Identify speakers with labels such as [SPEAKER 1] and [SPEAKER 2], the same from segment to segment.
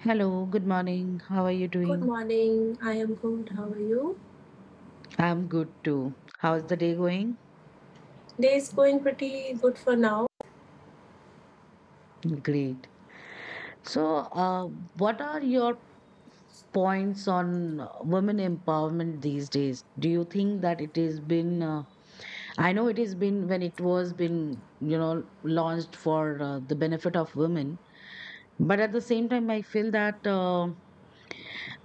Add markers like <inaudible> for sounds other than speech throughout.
[SPEAKER 1] Hello, good morning. How are you
[SPEAKER 2] Good
[SPEAKER 1] doing?
[SPEAKER 2] morning. I am good. How are you?
[SPEAKER 1] I'm good too. How's the day going?
[SPEAKER 2] Day is going pretty good for now.
[SPEAKER 1] Great. So, uh, what are your points on women empowerment these days? Do you think that it has been, I know it has been when it was been, launched for the benefit of women, but at the same time, I feel that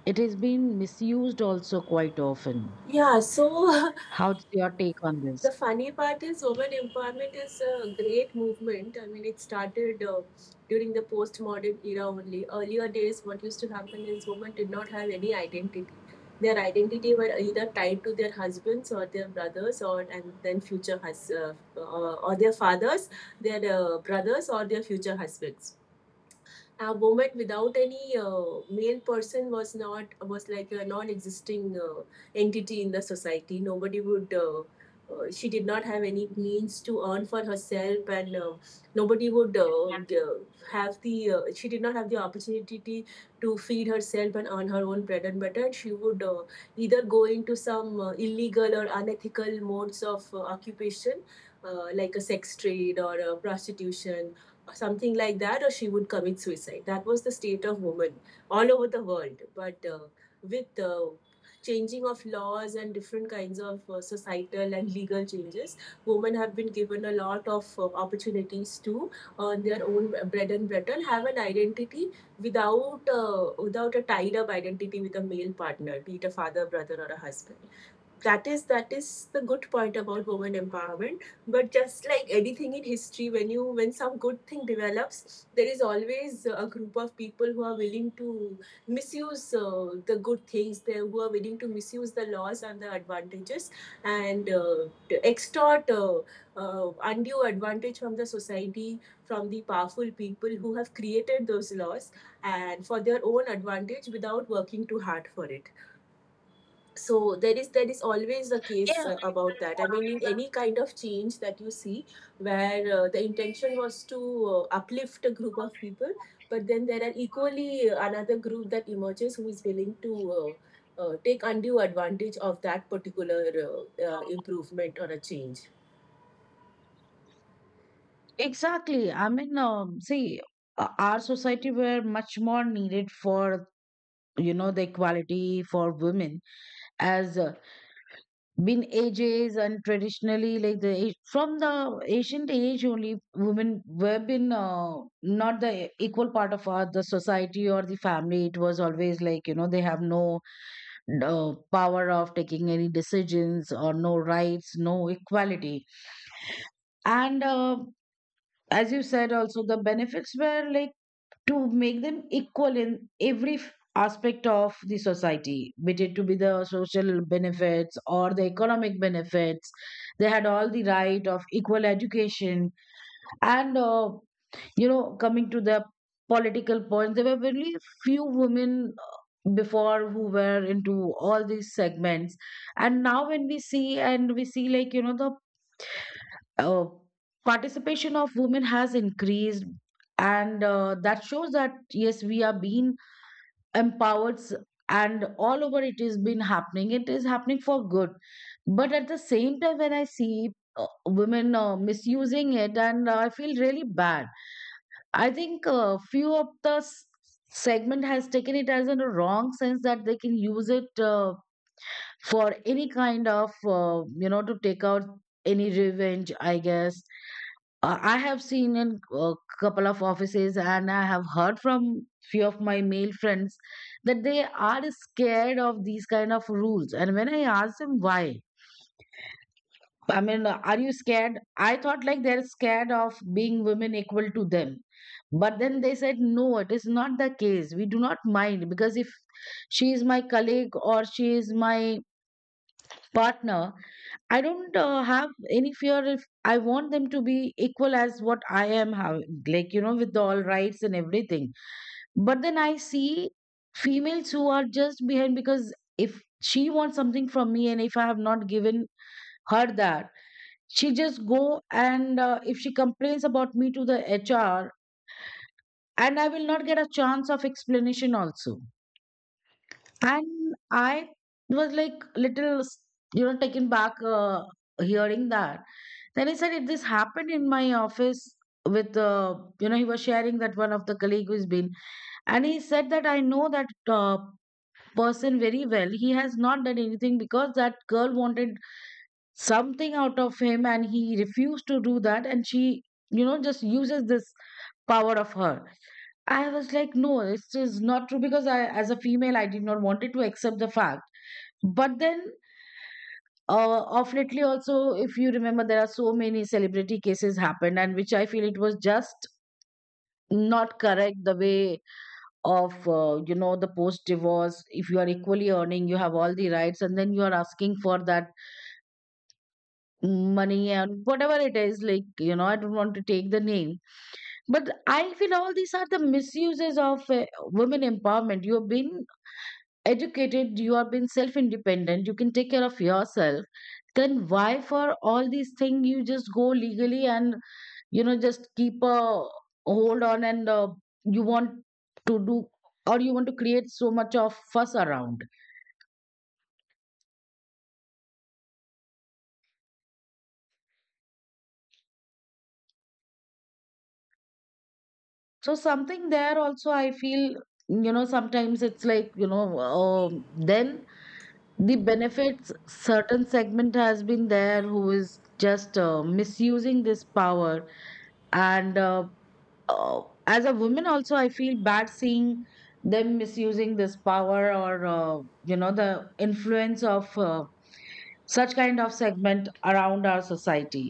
[SPEAKER 1] it has been misused also quite often.
[SPEAKER 2] Yeah, so
[SPEAKER 1] How's your take on
[SPEAKER 2] <laughs> the
[SPEAKER 1] this?
[SPEAKER 2] funny part is women empowerment is a great movement. I mean, it started during the postmodern era only. Earlier days, what used to happen is women did not have any identity. Their identity were either tied to their husbands or their brothers, or and then future hus- or their fathers, their brothers or their future husbands. A woman without any male person was not was like a non-existing entity in the society. Nobody would, she did not have any means to earn for herself, and nobody would, g- have the she did not have the opportunity to feed herself and earn her own bread and butter. She would either go into some illegal or unethical modes of occupation, like a sex trade or a prostitution, something like that, or she would commit suicide. That was the state of women all over the world. But with, changing of laws and different kinds of societal and legal changes, women have been given a lot of opportunities to earn their own bread and butter, have an identity without, without a tied up identity with a male partner, be it a father, brother, or a husband. That is the good point about women empowerment. But just like anything in history, when you when some good thing develops, there is always a group of people who are willing to misuse, the good things, they who are willing to misuse the laws and the advantages, and to extort undue advantage from the society, from the powerful people who have created those laws, and for their own advantage, without working too hard for it. So there is always a case
[SPEAKER 1] Yeah.
[SPEAKER 2] about that. I mean, in any kind of change that you see, where the intention was to uplift a group of people, but then there are equally another group that emerges who is willing to take undue advantage of that particular improvement or a change
[SPEAKER 1] Exactly. I mean, see, our society were much more needed for the equality for women, as been ages, and traditionally, like from the ancient age only, women were been not the equal part of our the society or the family. It was always like they have no power of taking any decisions, or no rights, no equality, and. As you said also, the benefits were like to make them equal in every aspect of the society, be it to be the social benefits or the economic benefits. They had all the right of equal education, and you know, coming to the political points, there were very few women before who were into all these segments. And now when we see, and we see like the uh, participation of women has increased, and that shows that yes, we are being empowered, and all over it has been happening, it is happening for good. But at the same time, when I see women misusing it, and I feel really bad. I think few of the segment has taken it as in a wrong sense, that they can use it for any kind of, you know, to take out any revenge, I guess. I have seen in a couple of offices, and I have heard from few of my male friends that they are scared of these kind of rules. And when I asked them why, I mean, are you scared? I thought like they're scared of being women equal to them. But then they said, no, it is not the case. We do not mind, because if she is my colleague, or she is my partner, I don't have any fear if I want them to be equal as what I am having, like, you know, with all rights and everything. But then I see females who are just behind, because if she wants something from me, and if I have not given her that, she just go and if she complains about me to the HR, and I will not get a chance of explanation also. And I was like little, you know, taken back hearing that. Then he said, if this happened in my office with, you know, he was sharing that one of the colleague who's been, and he said that I know that person very well. He has not done anything, because that girl wanted something out of him and he refused to do that. And she, you know, just uses this power of her. I was like, no, this is not true, because I, as a female, I did not wanted to accept the fact. But then, of lately, also, if you remember, there are so many celebrity cases happened, and which I feel it was just not correct, the way of, you know, the post divorce. If you are equally earning, you have all the rights, and then you are asking for that money and whatever it is. Like, you know, I don't want to take the name, but I feel all these are the misuses of women empowerment. You've been educated, you have been self independent, you can take care of yourself, then why for all these things you just go legally, and you know, just keep a hold on, and you want to do, or you want to create so much of fuss around. So something there also I feel, you know, sometimes it's like, you know, then the benefits, certain segment has been there who is just misusing this power, and uh, as a woman also I feel bad seeing them misusing this power, or you know, the influence of such kind of segment around our society,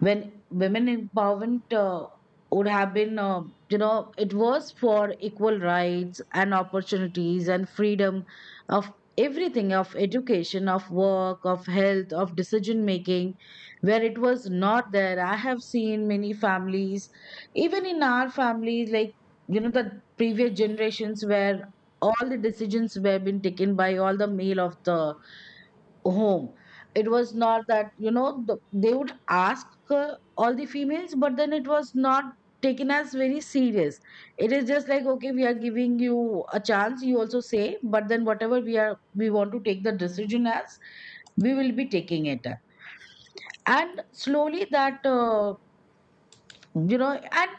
[SPEAKER 1] when women empowerment would have been, you know, it was for equal rights and opportunities and freedom of everything, of education, of work, of health, of decision making, where it was not there. I have seen many families, even in our families, like you know, the previous generations where all the decisions were being taken by all the male of the home. It was not that, you know, the, they would ask all the females, but then it was not taken as very serious. It is just like, okay, we are giving you a chance, you also say, but then whatever we are, we want to take the decision as, we will be taking it. And slowly that, you know, and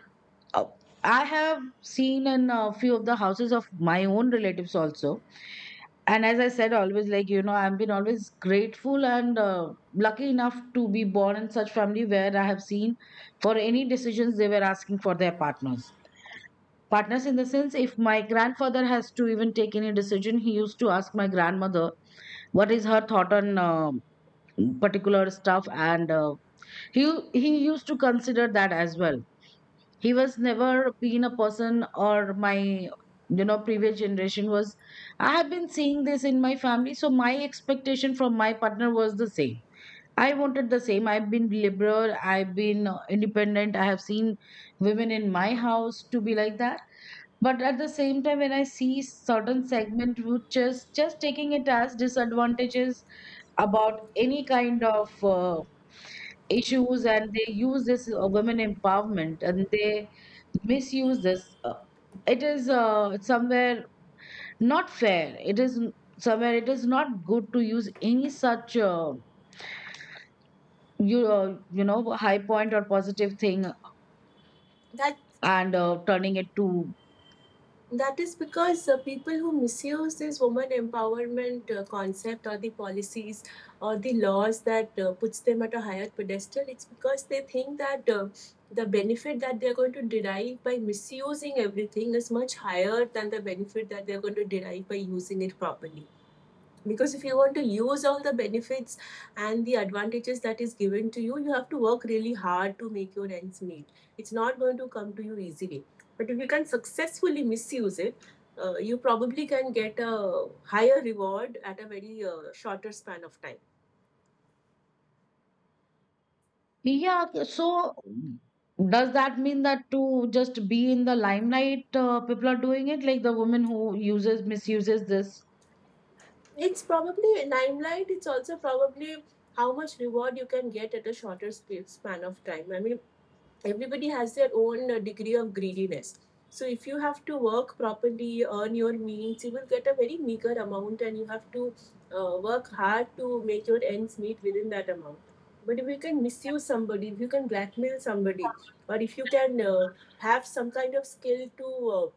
[SPEAKER 1] uh, I have seen in a few of the houses of my own relatives also. And as I said, always, like you know, I've been always grateful and lucky enough to be born in such family where I have seen, for any decisions they were asking for their partners. Partners in the sense, if my grandfather has to even take any decision, he used to ask my grandmother what is her thought on particular stuff, and he he used to consider that as well. He was never been a person, or my, you know, previous generation was, I have been seeing this in my family, so my expectation from my partner was the same. I wanted the same. I've been liberal, I've been independent. I have seen women in my house to be like that. But at the same time, when I see certain segment which is just taking it as disadvantages about any kind of uh, issues, and they use this women empowerment, and they misuse this. It is somewhere not fair. it is n- Somewhere it is not good to use any such you uh, you know, high point or positive thing,
[SPEAKER 2] that
[SPEAKER 1] and turning it to,
[SPEAKER 2] That is because people who misuse this woman empowerment concept, or the policies or the laws that puts them at a higher pedestal. It's because they think that the benefit that they're going to derive by misusing everything is much higher than the benefit that they're going to derive by using it properly. Because if you want to use all the benefits and the advantages that is given to you, you have to work really hard to make your ends meet. It's not going to come to you easily. But if you can successfully misuse it, you probably can get a higher reward at a very shorter span of time.
[SPEAKER 1] yeah, so does that mean that, to just be in the limelight, people are doing it, like the woman who uses misuses this?
[SPEAKER 2] It's probably limelight. It's also probably how much reward you can get at a shorter span of time. I mean, everybody has their own degree of greediness. So if you have to work properly, earn your means, you will get a very meager amount, and you have to work hard to make your ends meet within that amount. But if you can misuse somebody, if you can blackmail somebody, or if you can have some kind of skill to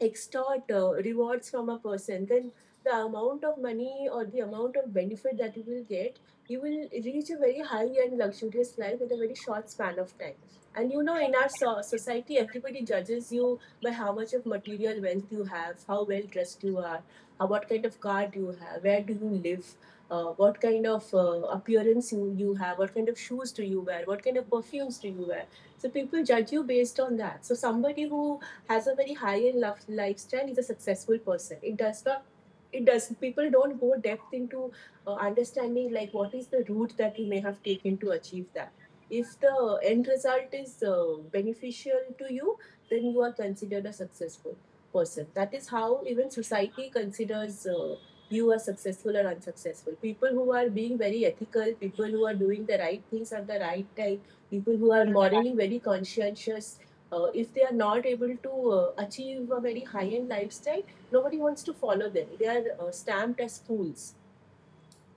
[SPEAKER 2] extort rewards from a person, then the amount of money or the amount of benefit that you will get, you will reach a very high and luxurious life in a very short span of time. And you know, in our society, everybody judges you by how much of material wealth you have, how well dressed you are, how, what kind of car do you have, where do you live, what kind of appearance you have, what kind of shoes do you wear, what kind of perfumes do you wear. So people judge you based on that. So somebody who has a very high end love lifestyle is a successful person. It does not, it does, people don't go depth into understanding like what is the route that you may have taken to achieve that. If the end result is beneficial to you, then you are considered a successful person. That is how even society considers you are successful or unsuccessful. People who are being very ethical, people who are doing the right things at the right time, people who are morally very conscientious, if they are not able to achieve a very high end lifestyle, nobody wants to follow them. They are stamped as fools.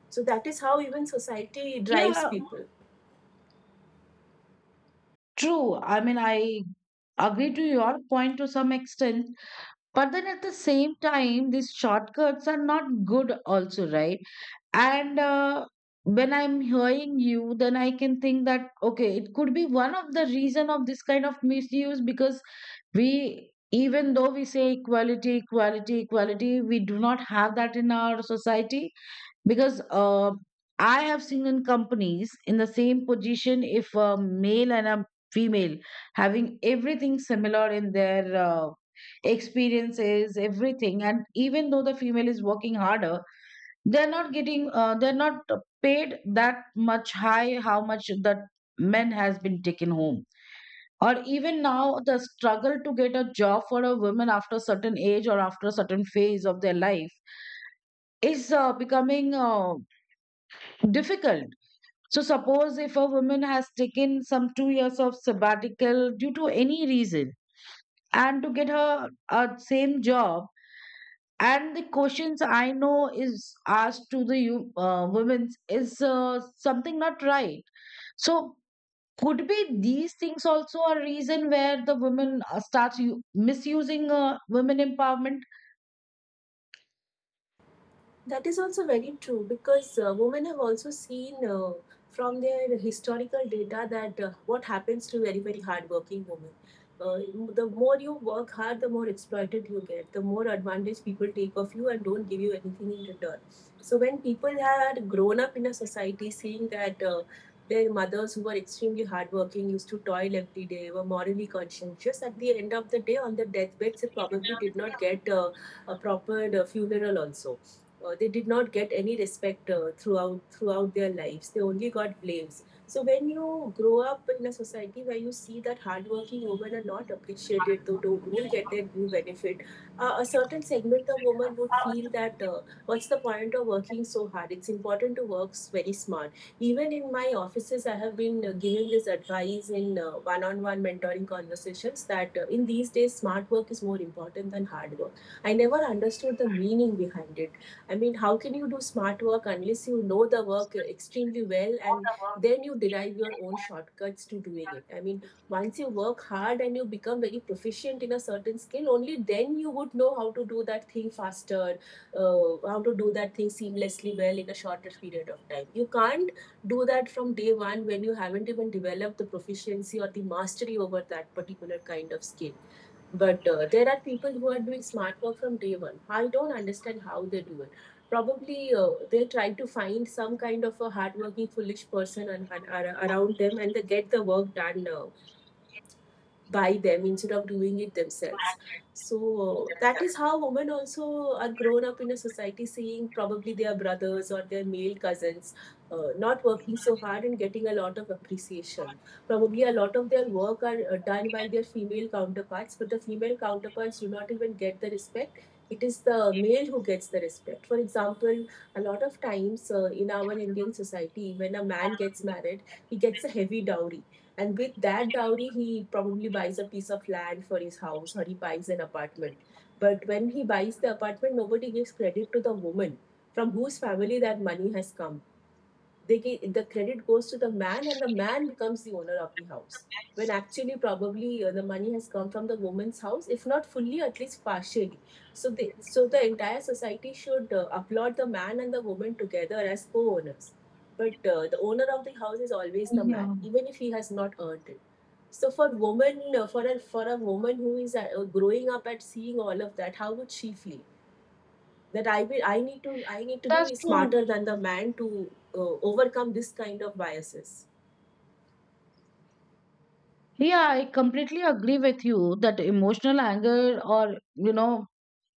[SPEAKER 2] So that is how even society drives
[SPEAKER 1] Yeah.
[SPEAKER 2] people.
[SPEAKER 1] True. I mean, I agree to your point to some extent, but then at the same time, these shortcuts are not good, also, right? And when I'm hearing you, then I can think that, okay, it could be one of the reason of this kind of misuse, because we, even though we say equality, equality, equality, we do not have that in our society, because I have seen in companies, in the same position, if a male and a female having everything similar in their experiences, everything, and even though the female is working harder, they're not paid that much high, how much the men has been taken home. Or even now, the struggle to get a job for a woman after a certain age, or after a certain phase of their life, is becoming difficult. So suppose if a woman has taken some 2 years of sabbatical due to any reason, and to get her a same job, and the questions, I know, is asked to the women, is something not right. So could be these things also a reason where the women starts misusing women empowerment?
[SPEAKER 2] That is also very true, because women have also seen, from their historical data, that what happens to very, very hardworking women. Uh, the more you work hard, the more exploited you get, the more advantage people take of you and don't give you anything in return. So, when people had grown up in a society seeing that their mothers who were extremely hardworking used to toil every day, were morally conscientious, at the end of the day, on the deathbeds, they probably did not get a proper funeral also. They did not get any respect, throughout their lives. They only got blames. So when you grow up in a society where you see that hardworking women are not appreciated, though don't get their due benefit, a certain segment of women would feel that, what's the point of working so hard? It's important to work very smart. Even in my offices, I have been giving this advice in one-on-one mentoring conversations, that in these days, smart work is more important than hard work. I never understood the meaning behind it. I mean, how can you do smart work unless you know the work extremely well and then you derive your own shortcuts to doing it? I mean, once you work hard and you become very proficient in a certain skill, only then you would know how to do that thing faster, how to do that thing seamlessly well in a shorter period of time. You can't do that from day one when you haven't even developed the proficiency or the mastery over that particular kind of skill. But there are people who are doing smart work from day one. I don't understand how they do it. Probably, they try to find some kind of a hardworking, foolish person around them, and they get the work done by them, instead of doing it themselves. So that is how women also are grown up in a society, seeing probably their brothers or their male cousins not working so hard and getting a lot of appreciation. Probably a lot of their work are done by their female counterparts, but the female counterparts do not even get the respect. It is the male who gets the respect. For example, a lot of times in our Indian society, when a man gets married, he gets a heavy dowry, and with that dowry, he probably buys a piece of land for his house, or he buys an apartment. But when he buys the apartment, nobody gives credit to the woman from whose family that money has come. The credit goes to the man, and the man becomes the owner of the house, when actually, probably the money has come from the woman's house, if not fully, at least partially. So the entire society should applaud the man and the woman together as co-owners. But the owner of the house is always the man,
[SPEAKER 1] Yeah.
[SPEAKER 2] even if he has not earned it. For a woman who is growing up at seeing all of that, how would she feel that I need to
[SPEAKER 1] That's
[SPEAKER 2] be
[SPEAKER 1] true.
[SPEAKER 2] smarter than the man to overcome this kind of biases.
[SPEAKER 1] Yeah, I completely agree with you that emotional anger or, you know,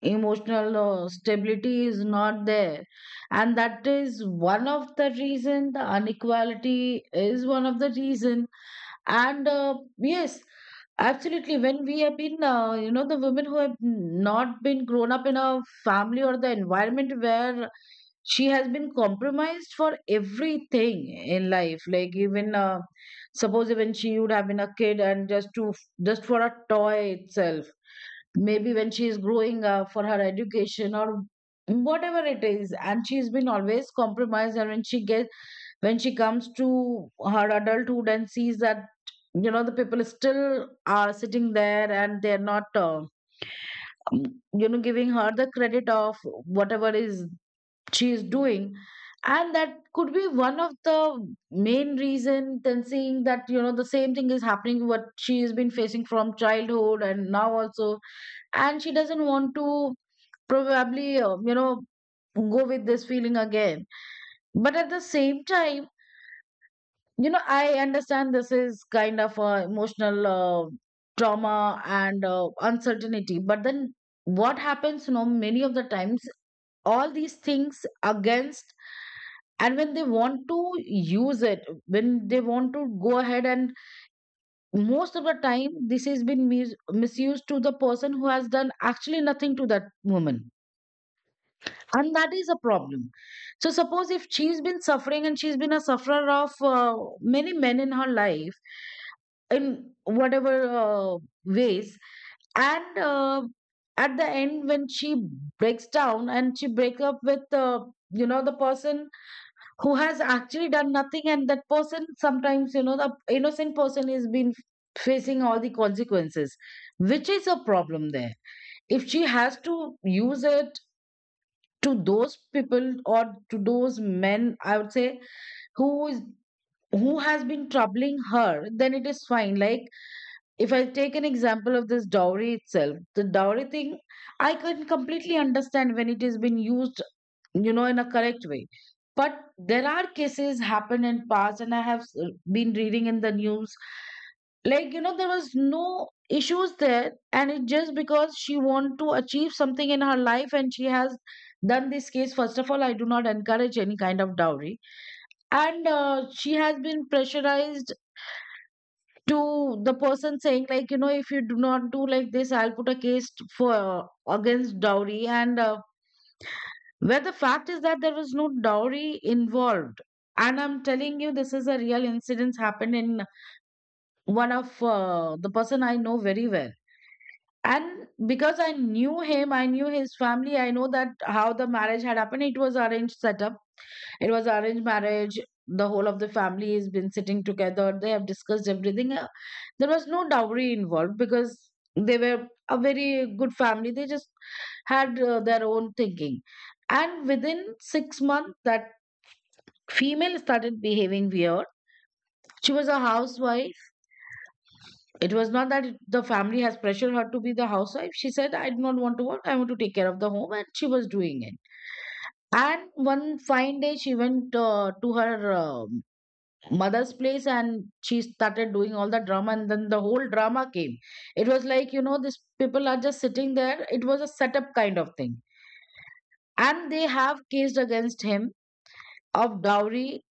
[SPEAKER 1] emotional stability is not there, and that is one of the reason, the inequality is one of the reason. And yes, absolutely, when we have been you know, the women who have not been grown up in a family or the environment where she has been compromised for everything in life, like even suppose even she would have been a kid and just for a toy itself, maybe when she is growing up for her education or whatever it is, and she's been always compromised, and when she gets, when she comes to her adulthood and sees that you know the people still are sitting there and they're not you know, giving her the credit of whatever is she is doing. And that could be one of the main reason, then seeing that you know the same thing is happening what she has been facing from childhood and now also. And she doesn't want to probably you know, go with this feeling again. But at the same time, you know, I understand this is kind of a emotional trauma and uncertainty, but then what happens, you know, many of the times all these things against, and when they want to use it, when they want to go ahead and most of the time this has been misused to the person who has done actually nothing to that woman. And that is a problem. So suppose if she's been suffering and she's been a sufferer of many men in her life in whatever uh, ways, and at the end when she breaks down and she break up with you know, the person who has actually done nothing, and that person, sometimes you know, the innocent person is been facing all the consequences, which is a problem there. If she has to use it to those people or to those men, I would say, who is, who has been troubling her, then it is fine. Like if I take an example of this dowry itself, the dowry thing, I can completely understand when it has been used, you know, in a correct way. But there are cases happen in past, and I have been reading in the news, like you know there was no issues there, and it just because she want to achieve something in her life and she has done this case. First of all, I do not encourage any kind of dowry. And she has been pressurized to the person saying like, you know, if you do not do like this, I'll put a case for against dowry. And where the fact is that there was no dowry involved. And I'm telling you, this is a real incident happened in one of the person I know very well. And because I knew him, I knew his family, I know that how the marriage had happened. It was arranged setup, it was arranged marriage. The whole of the family has been sitting together, they have discussed everything. There was no dowry involved because they were a very good family, they just had their own thinking. And within 6 months, that female started behaving weird. She was a housewife. It was not that the family has pressured her to be the housewife. She said, I do not want to work, I want to take care of the home. And she was doing it. And one fine day, she went to her mother's place and she started doing all the drama. And then the whole drama came. It was like, you know, these people are just sitting there, it was a setup kind of thing. And they have cased against him of dowry.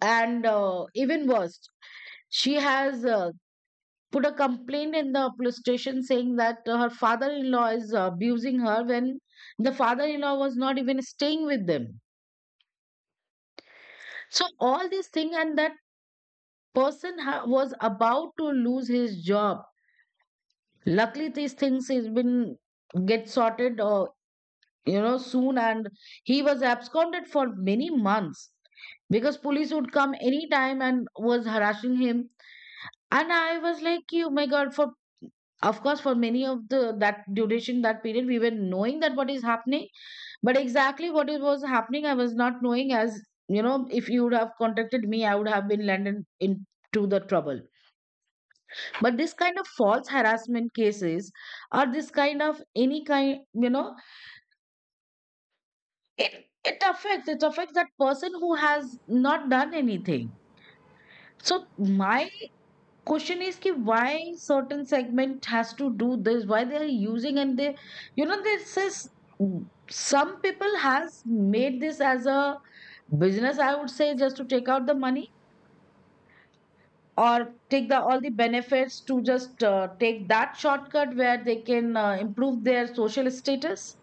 [SPEAKER 1] And even worse, she has put a complaint in the police station saying that her father-in-law is abusing her, when the father-in-law was not even staying with them. So all these things, and that was about to lose his job. Luckily, these things has been get sorted you know, soon, and he was absconded for many months because police would come anytime and was harassing him. And I was like, you my god. For, of course, for many of the, that duration, that period, we were knowing that what is happening, but exactly what it was happening, I was not knowing. As you know, if you would have contacted me, I would have been landed into the trouble. But this kind of false harassment cases, or this kind of any kind, you know, it affects, it affects that person who has not done anything. So my question is ki why certain segment has to do this, why they are using, and they, you know, this is, some people has made this as a business, I would say, just to take out the money, or take the all the benefits, to just take that shortcut where they can improve their social status.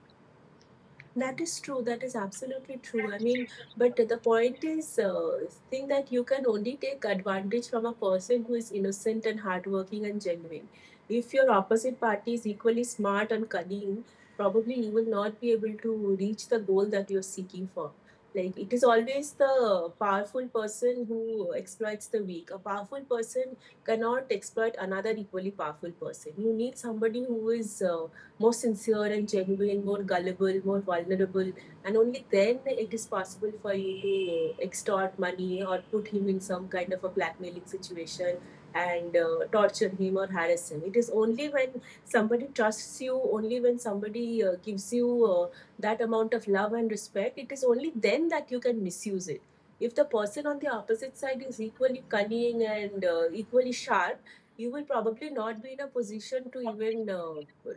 [SPEAKER 2] That is true. That is absolutely true. I mean, but the point is, think that you can only take advantage from a person who is innocent and hardworking and genuine. If your opposite party is equally smart and cunning, probably you will not be able to reach the goal that you're seeking for. Like, it is always the powerful person who exploits the weak. A powerful person cannot exploit another equally powerful person. You need somebody who is more sincere and genuine, more gullible, more vulnerable, and only then it is possible for you to extort money or put him in some kind of a blackmailing situation and torture him or harass him. It is only when somebody trusts you, only when somebody gives you that amount of love and respect. It is only then that you can misuse it. If the person on the opposite side is equally cunning and equally sharp, you will probably not be in a position to even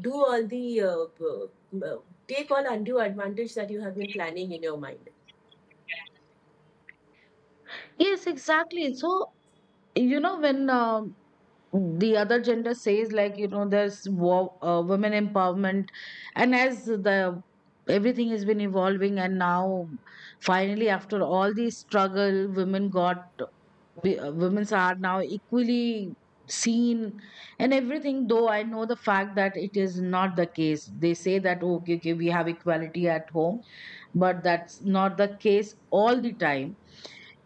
[SPEAKER 2] do all the uh, take all undue advantage that you have been planning in your mind.
[SPEAKER 1] Yes, exactly. So you know, when the other gender says like, you know, there's women empowerment, and as the everything has been evolving and now finally after all the struggle women got, women's are now equally seen and everything, though I know the fact that it is not the case. They say that, "Oh, okay, okay, we have equality at home," but that's not the case all the time.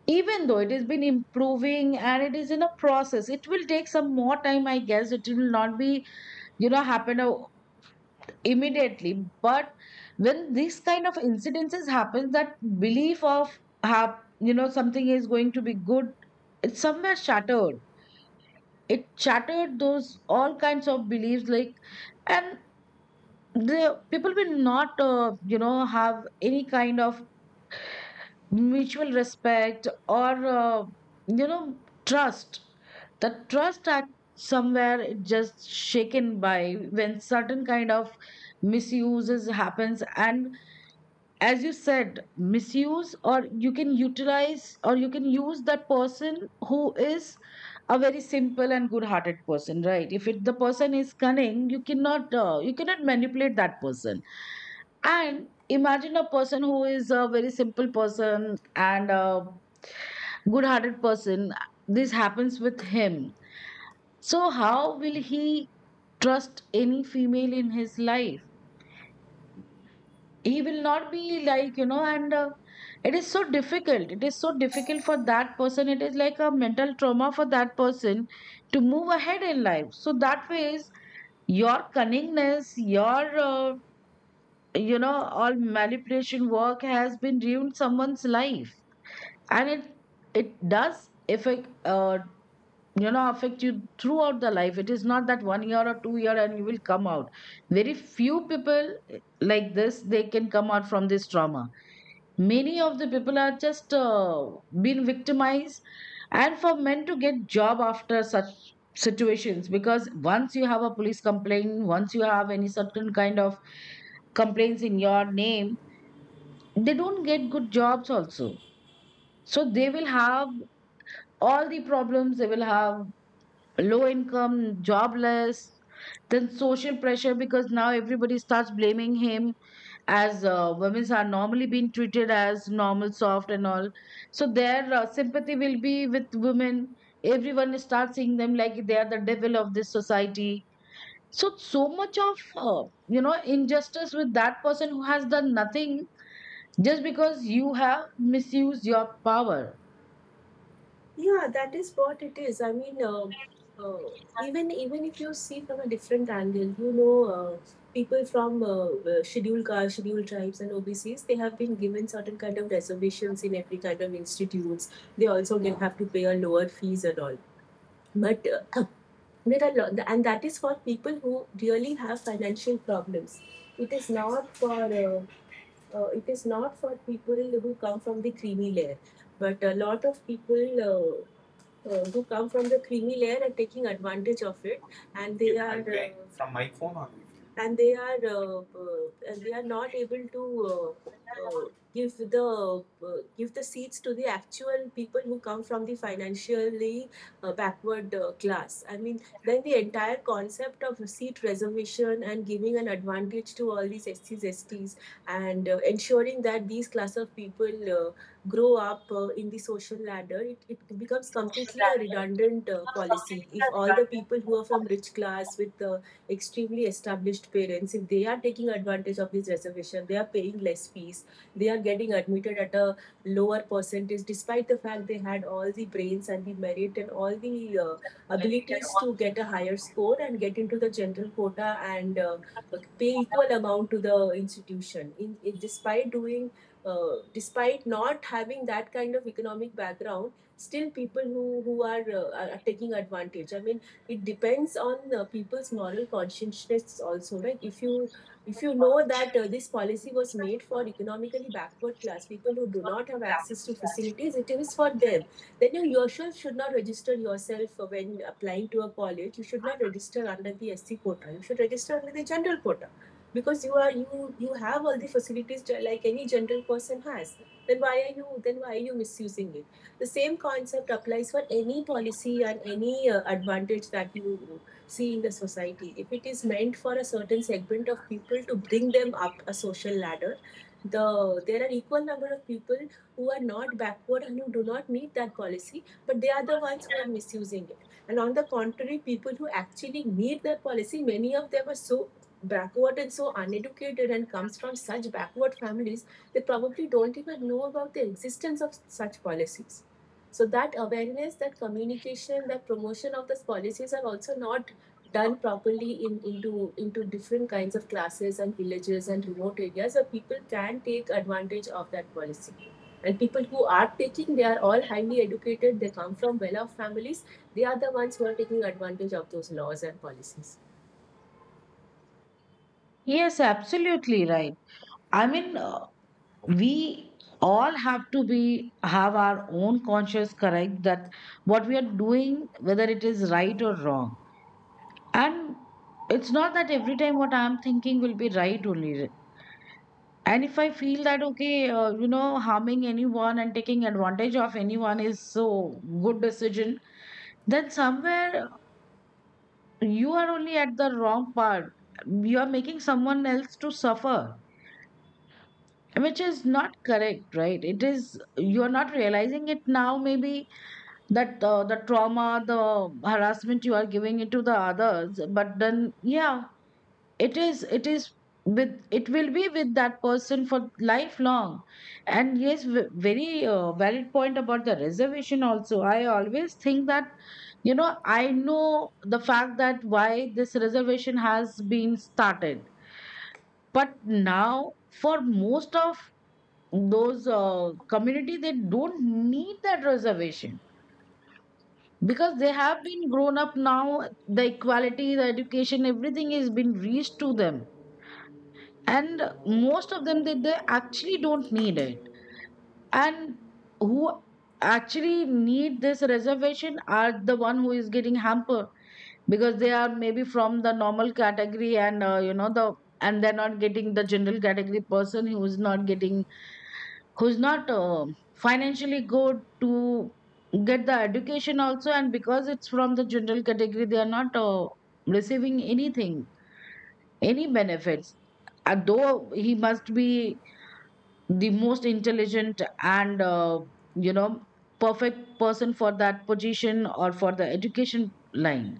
[SPEAKER 1] Even though it has been improving and it is in a process, it will take some more time, I guess. It will not be, you know, immediately. But when this kind of incidences happen, that belief of have, you know, something is going to be good, it's somewhere shattered. It shattered those all kinds of beliefs. Like, and the people will not you know, have any kind of mutual respect or you know, trust. The trust at somewhere it just shaken by when certain kind of misuses happens. And as you said, misuse, or you can utilize, or you can use that person who is a very simple and good hearted person, right? If it, the person is cunning, you cannot manipulate that person. And imagine a person who is a very simple person and good hearted person, this happens with him. So how will he trust any female in his life? He will not be, like, you know. And it is so difficult, it is so difficult for that person. It is like a mental trauma for that person to move ahead in life. So that ways, your cunningness, your you know, all manipulation work has been ruined someone's life. And it does affect you know, affect you throughout the life. It is not that 1 year or 2 year and you will come out. Very few people, like this, they can come out from this trauma. Many of the people are just been victimized. And for men to get job after such situations, because once you have a police complaint, once you have any certain kind of complaints in your name, they don't get good jobs also. So they will have all the problems. They will have low income, jobless, then social pressure because now everybody starts blaming him. As women are normally being treated as normal, soft, and all, so their sympathy will be with women. Everyone starts seeing them like they are the devil of this society. So so much of you know, injustice with that person who has done nothing, just because you have misused your power.
[SPEAKER 2] Yeah, that is what it is. Uh, even if you see from a different angle, you know, people from scheduled castes, scheduled tribes and OBCs, they have been given certain kind of reservations in every kind of institutes. They also can have to pay a lower fees and all. But uh, <coughs> and that is for people who really have financial problems. It is not for it is not for people who come from the creamy layer, but a lot of people who come from the creamy layer are taking advantage of it, and they are uh, and they are not able to uh, uh, give the seats to the actual people who come from the financially backward class. I mean, then the entire concept of seat reservation and giving an advantage to all these SCs, STs, and ensuring that these class of people uh, grow up in the social ladder, it becomes completely a redundant policy. If all the people who are from rich class with extremely established parents, if they are taking advantage of this reservation, they are paying less fees, they are getting admitted at a lower percentage, despite the fact they had all the brains and the merit and all the abilities to get a higher score and get into the general quota and pay equal amount to the institution. In despite doing despite not having that kind of economic background, still people who are taking advantage. I mean, it depends on people's moral consciousness also, right? If you know that this policy was made for economically backward class people who do not have access to facilities, it is for them. Then you yourself should not register yourself when applying to a college. You should not register under the SC quota. You should register under the general quota because you, you have all the facilities like any general person has. Then why are you, then why are you misusing it? The same concept applies for any policy and any advantage that you see in the society. If it is meant for a certain segment of people to bring them up a social ladder, the there are equal number of people who are not backward and who do not need that policy, but they are the ones who are misusing it. And on the contrary, people who actually need that policy, many of them are so backward and so uneducated and comes from such backward families, they probably don't even know about the existence of such policies. So that awareness, that communication, that promotion of these policies are also not done properly into different kinds of classes and villages and remote areas where people can take advantage of that policy. And people who are taking, they are all highly educated, they come from well off families, they are the ones who are taking advantage of those laws and policies.
[SPEAKER 1] Yes, absolutely right. I mean, we all have to be, have our own conscious correct, that what we are doing, whether it is right or wrong. And it's not that every time what I'm thinking will be right only. And if I feel that okay, you know, harming anyone and taking advantage of anyone is so good decision, then somewhere you are only at the wrong part, you are making someone else to suffer, which is not correct, right? It is, you are not realizing it now maybe, that the trauma, the harassment you are giving it to the others, but then yeah, it is with, it will be with that person for lifelong. And yes, very valid point about the reservation also. I always think that you know, I know the fact that why this reservation has been started. But now for most of those community, they don't need that reservation because they have been grown up now, the equality, the education, everything has been reached to them, and most of them they actually don't need it. And who actually need this reservation are the one who is getting hampered because they are maybe from the normal category and you know, the, and they're not getting, the general category person who is not getting, who's not financially good to get the education also, and because it's from the general category they are not receiving anything, any benefits. Though he must be the most intelligent and you know, perfect person for that position or for the education line.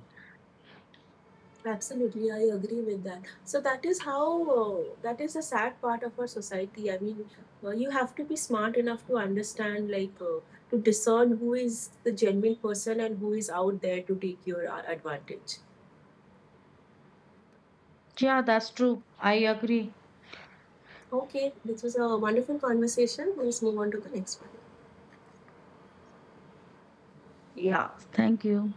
[SPEAKER 2] Absolutely, I agree with that. So that is how that is a sad part of our society. I mean, you have to be smart enough to understand, like, to discern who is the genuine person and who is out there to take your advantage.
[SPEAKER 1] Yeah, that's true, I agree.
[SPEAKER 2] Okay, this was a wonderful conversation. Let's move on to the next one.
[SPEAKER 1] Yeah. Thank you.